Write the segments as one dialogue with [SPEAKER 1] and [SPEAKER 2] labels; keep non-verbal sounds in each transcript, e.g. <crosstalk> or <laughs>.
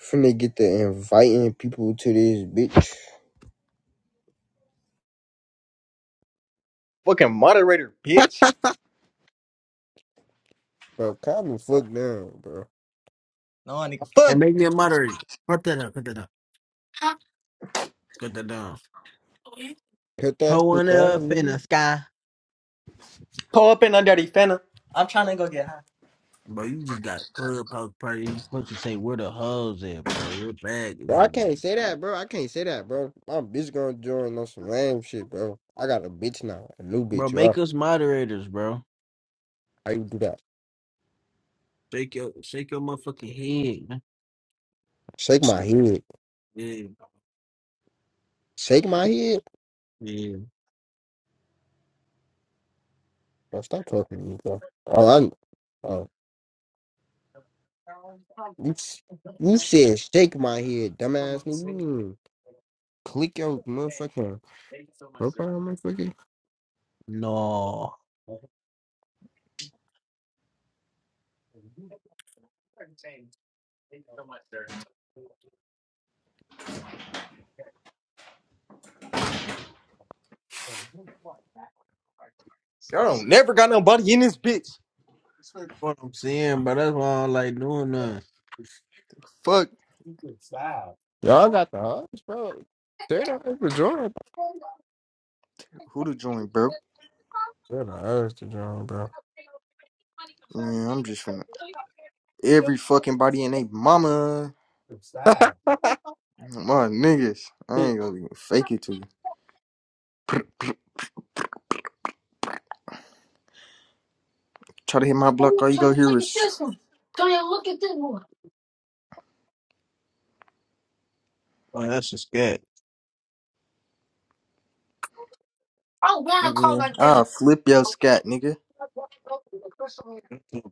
[SPEAKER 1] Finna get the inviting people to this bitch.
[SPEAKER 2] Fucking moderator, bitch.
[SPEAKER 1] Bro, calm the fuck down, bro.
[SPEAKER 2] No, nigga,
[SPEAKER 3] and
[SPEAKER 2] fuck.
[SPEAKER 3] make me a moderator. Cut that up, cut that up, cut that down.
[SPEAKER 1] Cut that
[SPEAKER 3] Hold one
[SPEAKER 1] shit down,
[SPEAKER 3] up in
[SPEAKER 1] nigga.
[SPEAKER 3] the sky.
[SPEAKER 2] Pull up in on Daddy Fana. I'm trying to go get high.
[SPEAKER 3] Bro, you just got clubhouse party. You supposed to say where the hoes at, bro. We're back if
[SPEAKER 1] Bro,
[SPEAKER 3] you
[SPEAKER 1] I
[SPEAKER 3] want.
[SPEAKER 1] can't say that, bro. I can't say that, bro. My bitch gonna join on some lame shit, bro. I got a bitch now, a new
[SPEAKER 3] Bro,
[SPEAKER 1] bitch, y'all.
[SPEAKER 3] make us moderators, bro.
[SPEAKER 1] How you do that?
[SPEAKER 3] Shake your shake your motherfucking head, man.
[SPEAKER 1] Shake my head.
[SPEAKER 3] Yeah,
[SPEAKER 1] Shake my head?
[SPEAKER 3] yeah.
[SPEAKER 1] Bro, stop talking to me, bro. Oh, I, oh, you, s- you said shake my head, dumbass nigga. You mean click your motherfucking profile, motherfucker.
[SPEAKER 3] No.
[SPEAKER 2] Y'all don't never got nobody in this bitch.
[SPEAKER 3] That's what I'm saying, bro. That's why I don't like doing that.
[SPEAKER 2] Fuck
[SPEAKER 1] Y'all got the hots, bro. Say that for join.
[SPEAKER 2] who to join, bro.
[SPEAKER 1] What the urge to drown, bro.
[SPEAKER 2] Yeah, I'm just finna every fucking body in they mama.
[SPEAKER 1] <laughs>
[SPEAKER 2] My niggas.
[SPEAKER 1] Who
[SPEAKER 2] I
[SPEAKER 1] is
[SPEAKER 2] ain't gonna even fake it to you. Try to hit my block,
[SPEAKER 3] Oh,
[SPEAKER 2] all you
[SPEAKER 3] look
[SPEAKER 2] go
[SPEAKER 3] look at at
[SPEAKER 2] hear
[SPEAKER 3] this
[SPEAKER 2] is
[SPEAKER 3] this one. Tony, look at this one. Oh, that's a scat. I don't want to call
[SPEAKER 2] nigga.
[SPEAKER 3] like that.
[SPEAKER 2] I'll flip your scat, nigga.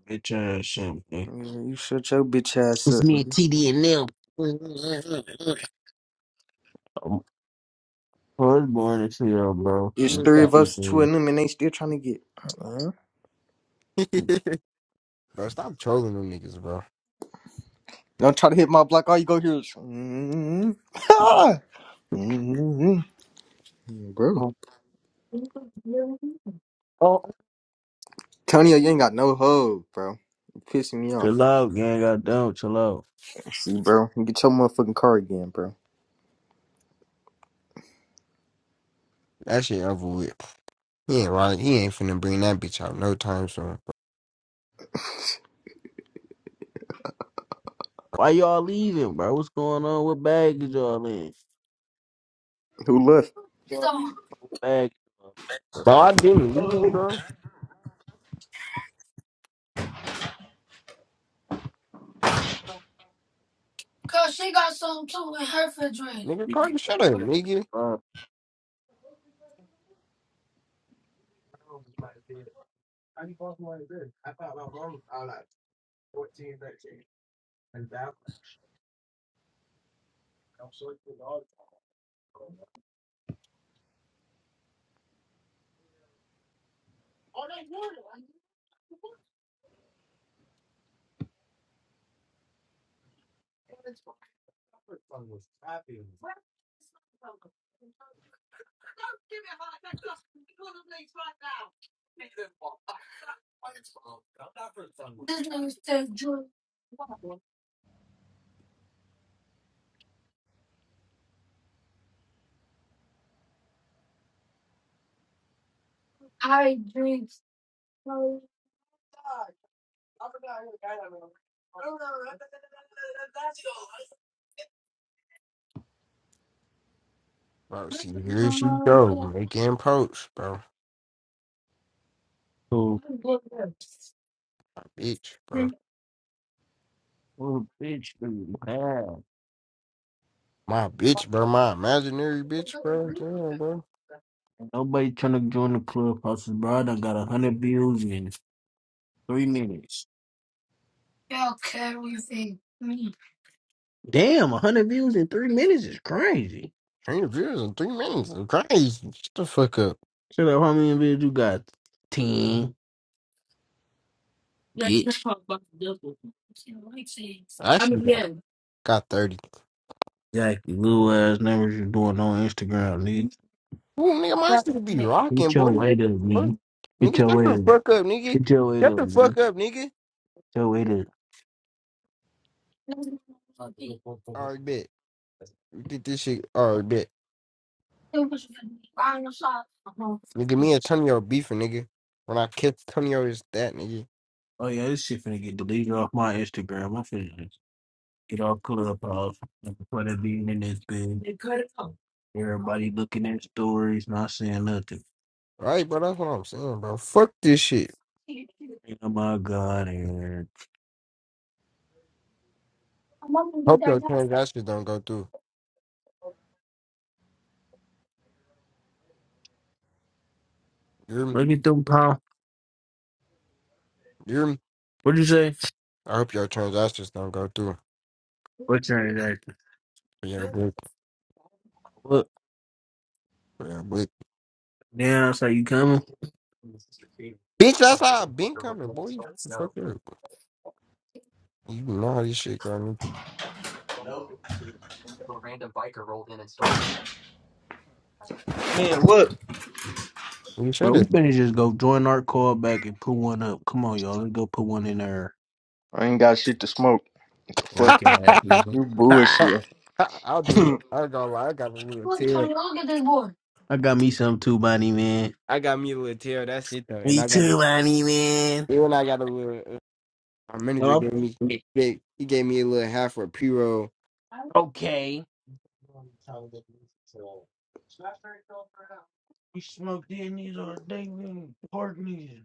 [SPEAKER 3] Bitch ass shit, man.
[SPEAKER 2] Yeah, you shut your bitch ass
[SPEAKER 3] It's
[SPEAKER 2] up,
[SPEAKER 3] me and
[SPEAKER 2] nigga.
[SPEAKER 3] TD and them. I'm i born to see y'all, bro.
[SPEAKER 2] It's
[SPEAKER 3] i
[SPEAKER 2] three of
[SPEAKER 1] that?
[SPEAKER 2] us, two of them, and they still trying to get. Uh-uh.
[SPEAKER 1] <laughs> bro, stop trolling them niggas, bro.
[SPEAKER 2] Don't try to hit my block, all you go hear is. Mm-hmm. <laughs> Bro,
[SPEAKER 3] Oh,
[SPEAKER 2] Tony, you ain't got no hoe, bro. You pissing me
[SPEAKER 3] Chill
[SPEAKER 2] off.
[SPEAKER 3] out, gang. Goddamn, chill out.
[SPEAKER 2] See, bro, you get your motherfucking car again, bro.
[SPEAKER 1] That shit over with. He ain't right. He ain't finna bring that bitch out no time soon. Bro,
[SPEAKER 3] why y'all leaving, bro? What's going on? What bag is y'all in?
[SPEAKER 2] Who left?
[SPEAKER 3] It's on. Bag.
[SPEAKER 1] Bro, I didn't leave, bro.
[SPEAKER 3] Cause she got some too in her refrigerator.
[SPEAKER 1] Nigga,
[SPEAKER 3] You get-
[SPEAKER 1] Carter, shut
[SPEAKER 3] you
[SPEAKER 1] up,
[SPEAKER 3] get-
[SPEAKER 1] nigga.
[SPEAKER 3] Uh, Says drink, I drink. no God. I forgot who got that one. I don't
[SPEAKER 1] Bro, see, here she go.
[SPEAKER 3] know.
[SPEAKER 1] Making posts, bro.
[SPEAKER 3] so, I'm good with
[SPEAKER 1] My bitch, bro.
[SPEAKER 3] it. oh, bitch, you mad.
[SPEAKER 1] My bitch, bro. My imaginary bitch, bro.
[SPEAKER 3] Ain't
[SPEAKER 1] Damn, bro.
[SPEAKER 3] <laughs> Nobody trying to join the clubhouse, bro. I done got a hundred views in three minutes. Y'all carry me. Damn, 100 views in three minutes is crazy.
[SPEAKER 1] Three views in three minutes. Crazy. Shut the fuck up.
[SPEAKER 3] Shut up, how many views you got? 10, Yeah, you bitch. talk about the devil.
[SPEAKER 1] I
[SPEAKER 3] I
[SPEAKER 1] actually
[SPEAKER 3] mean,
[SPEAKER 1] got,
[SPEAKER 3] yeah.
[SPEAKER 1] got 30.
[SPEAKER 3] Exactly, little ass numbers you doing on Instagram, nigga.
[SPEAKER 1] Ooh, nigga, my
[SPEAKER 3] That's what
[SPEAKER 1] shit
[SPEAKER 3] I
[SPEAKER 1] be
[SPEAKER 3] mean.
[SPEAKER 1] rocking,
[SPEAKER 3] Get your
[SPEAKER 1] boy.
[SPEAKER 3] weight up,
[SPEAKER 1] Fuck.
[SPEAKER 3] nigga. Get
[SPEAKER 1] Nigga,
[SPEAKER 3] your
[SPEAKER 1] shut
[SPEAKER 3] weight
[SPEAKER 1] the
[SPEAKER 3] up.
[SPEAKER 1] fuck up, nigga.
[SPEAKER 3] Get your weight
[SPEAKER 1] Shut
[SPEAKER 3] up,
[SPEAKER 1] the
[SPEAKER 3] nigga.
[SPEAKER 1] fuck up, nigga.
[SPEAKER 3] Get your weight up.
[SPEAKER 1] Alright, bet. We did this shit. Alright, bet. Nigga, me and
[SPEAKER 3] Niggas.
[SPEAKER 1] Tonyo beefing, nigga. When I kiss Tonyo, it's that, nigga.
[SPEAKER 3] Oh, yeah, this shit finna get deleted off my Instagram. I'm finna get all color up off before that being in this bitch. Everybody looking at stories, not saying nothing.
[SPEAKER 1] Alright, bro, that's what I'm saying, bro. Fuck this shit.
[SPEAKER 3] Oh my God, Eric. Look
[SPEAKER 1] Hope your transactions don't go through. You hear me?
[SPEAKER 3] at them, pal.
[SPEAKER 1] You hear me?
[SPEAKER 3] What'd you say?
[SPEAKER 1] I hope your transactions don't go through.
[SPEAKER 3] What transaction?
[SPEAKER 1] For your book.
[SPEAKER 3] Look,
[SPEAKER 1] For your book.
[SPEAKER 3] now it's like you coming?
[SPEAKER 1] Bitch, that's how i been coming, boy. You fuck up. You know how this shit go, nigga.
[SPEAKER 2] Man, look.
[SPEAKER 1] You sure
[SPEAKER 3] Bro, we better just go join our call back and put one up. Come on, y'all. Let's go put one in there.
[SPEAKER 2] I ain't got shit to smoke. What the fuck?
[SPEAKER 3] Okay,
[SPEAKER 1] that? <laughs>
[SPEAKER 3] nigga.
[SPEAKER 2] You
[SPEAKER 1] <laughs>
[SPEAKER 2] bullshit.
[SPEAKER 1] I'll do.
[SPEAKER 2] <laughs>
[SPEAKER 1] I ain't gonna lie. I got a little tail.
[SPEAKER 3] <laughs> I got me some too, Bonnie, man.
[SPEAKER 1] I got me a little tail. That's it though. And
[SPEAKER 3] Me
[SPEAKER 1] I got a.
[SPEAKER 3] too, Bonnie, man.
[SPEAKER 1] Even I got a little. Uh, my manager
[SPEAKER 3] Oh,
[SPEAKER 1] gave me.
[SPEAKER 3] yeah.
[SPEAKER 1] Big. He gave me a little half for a pre roll.
[SPEAKER 3] Okay. We smoked in these all day, man. Park these.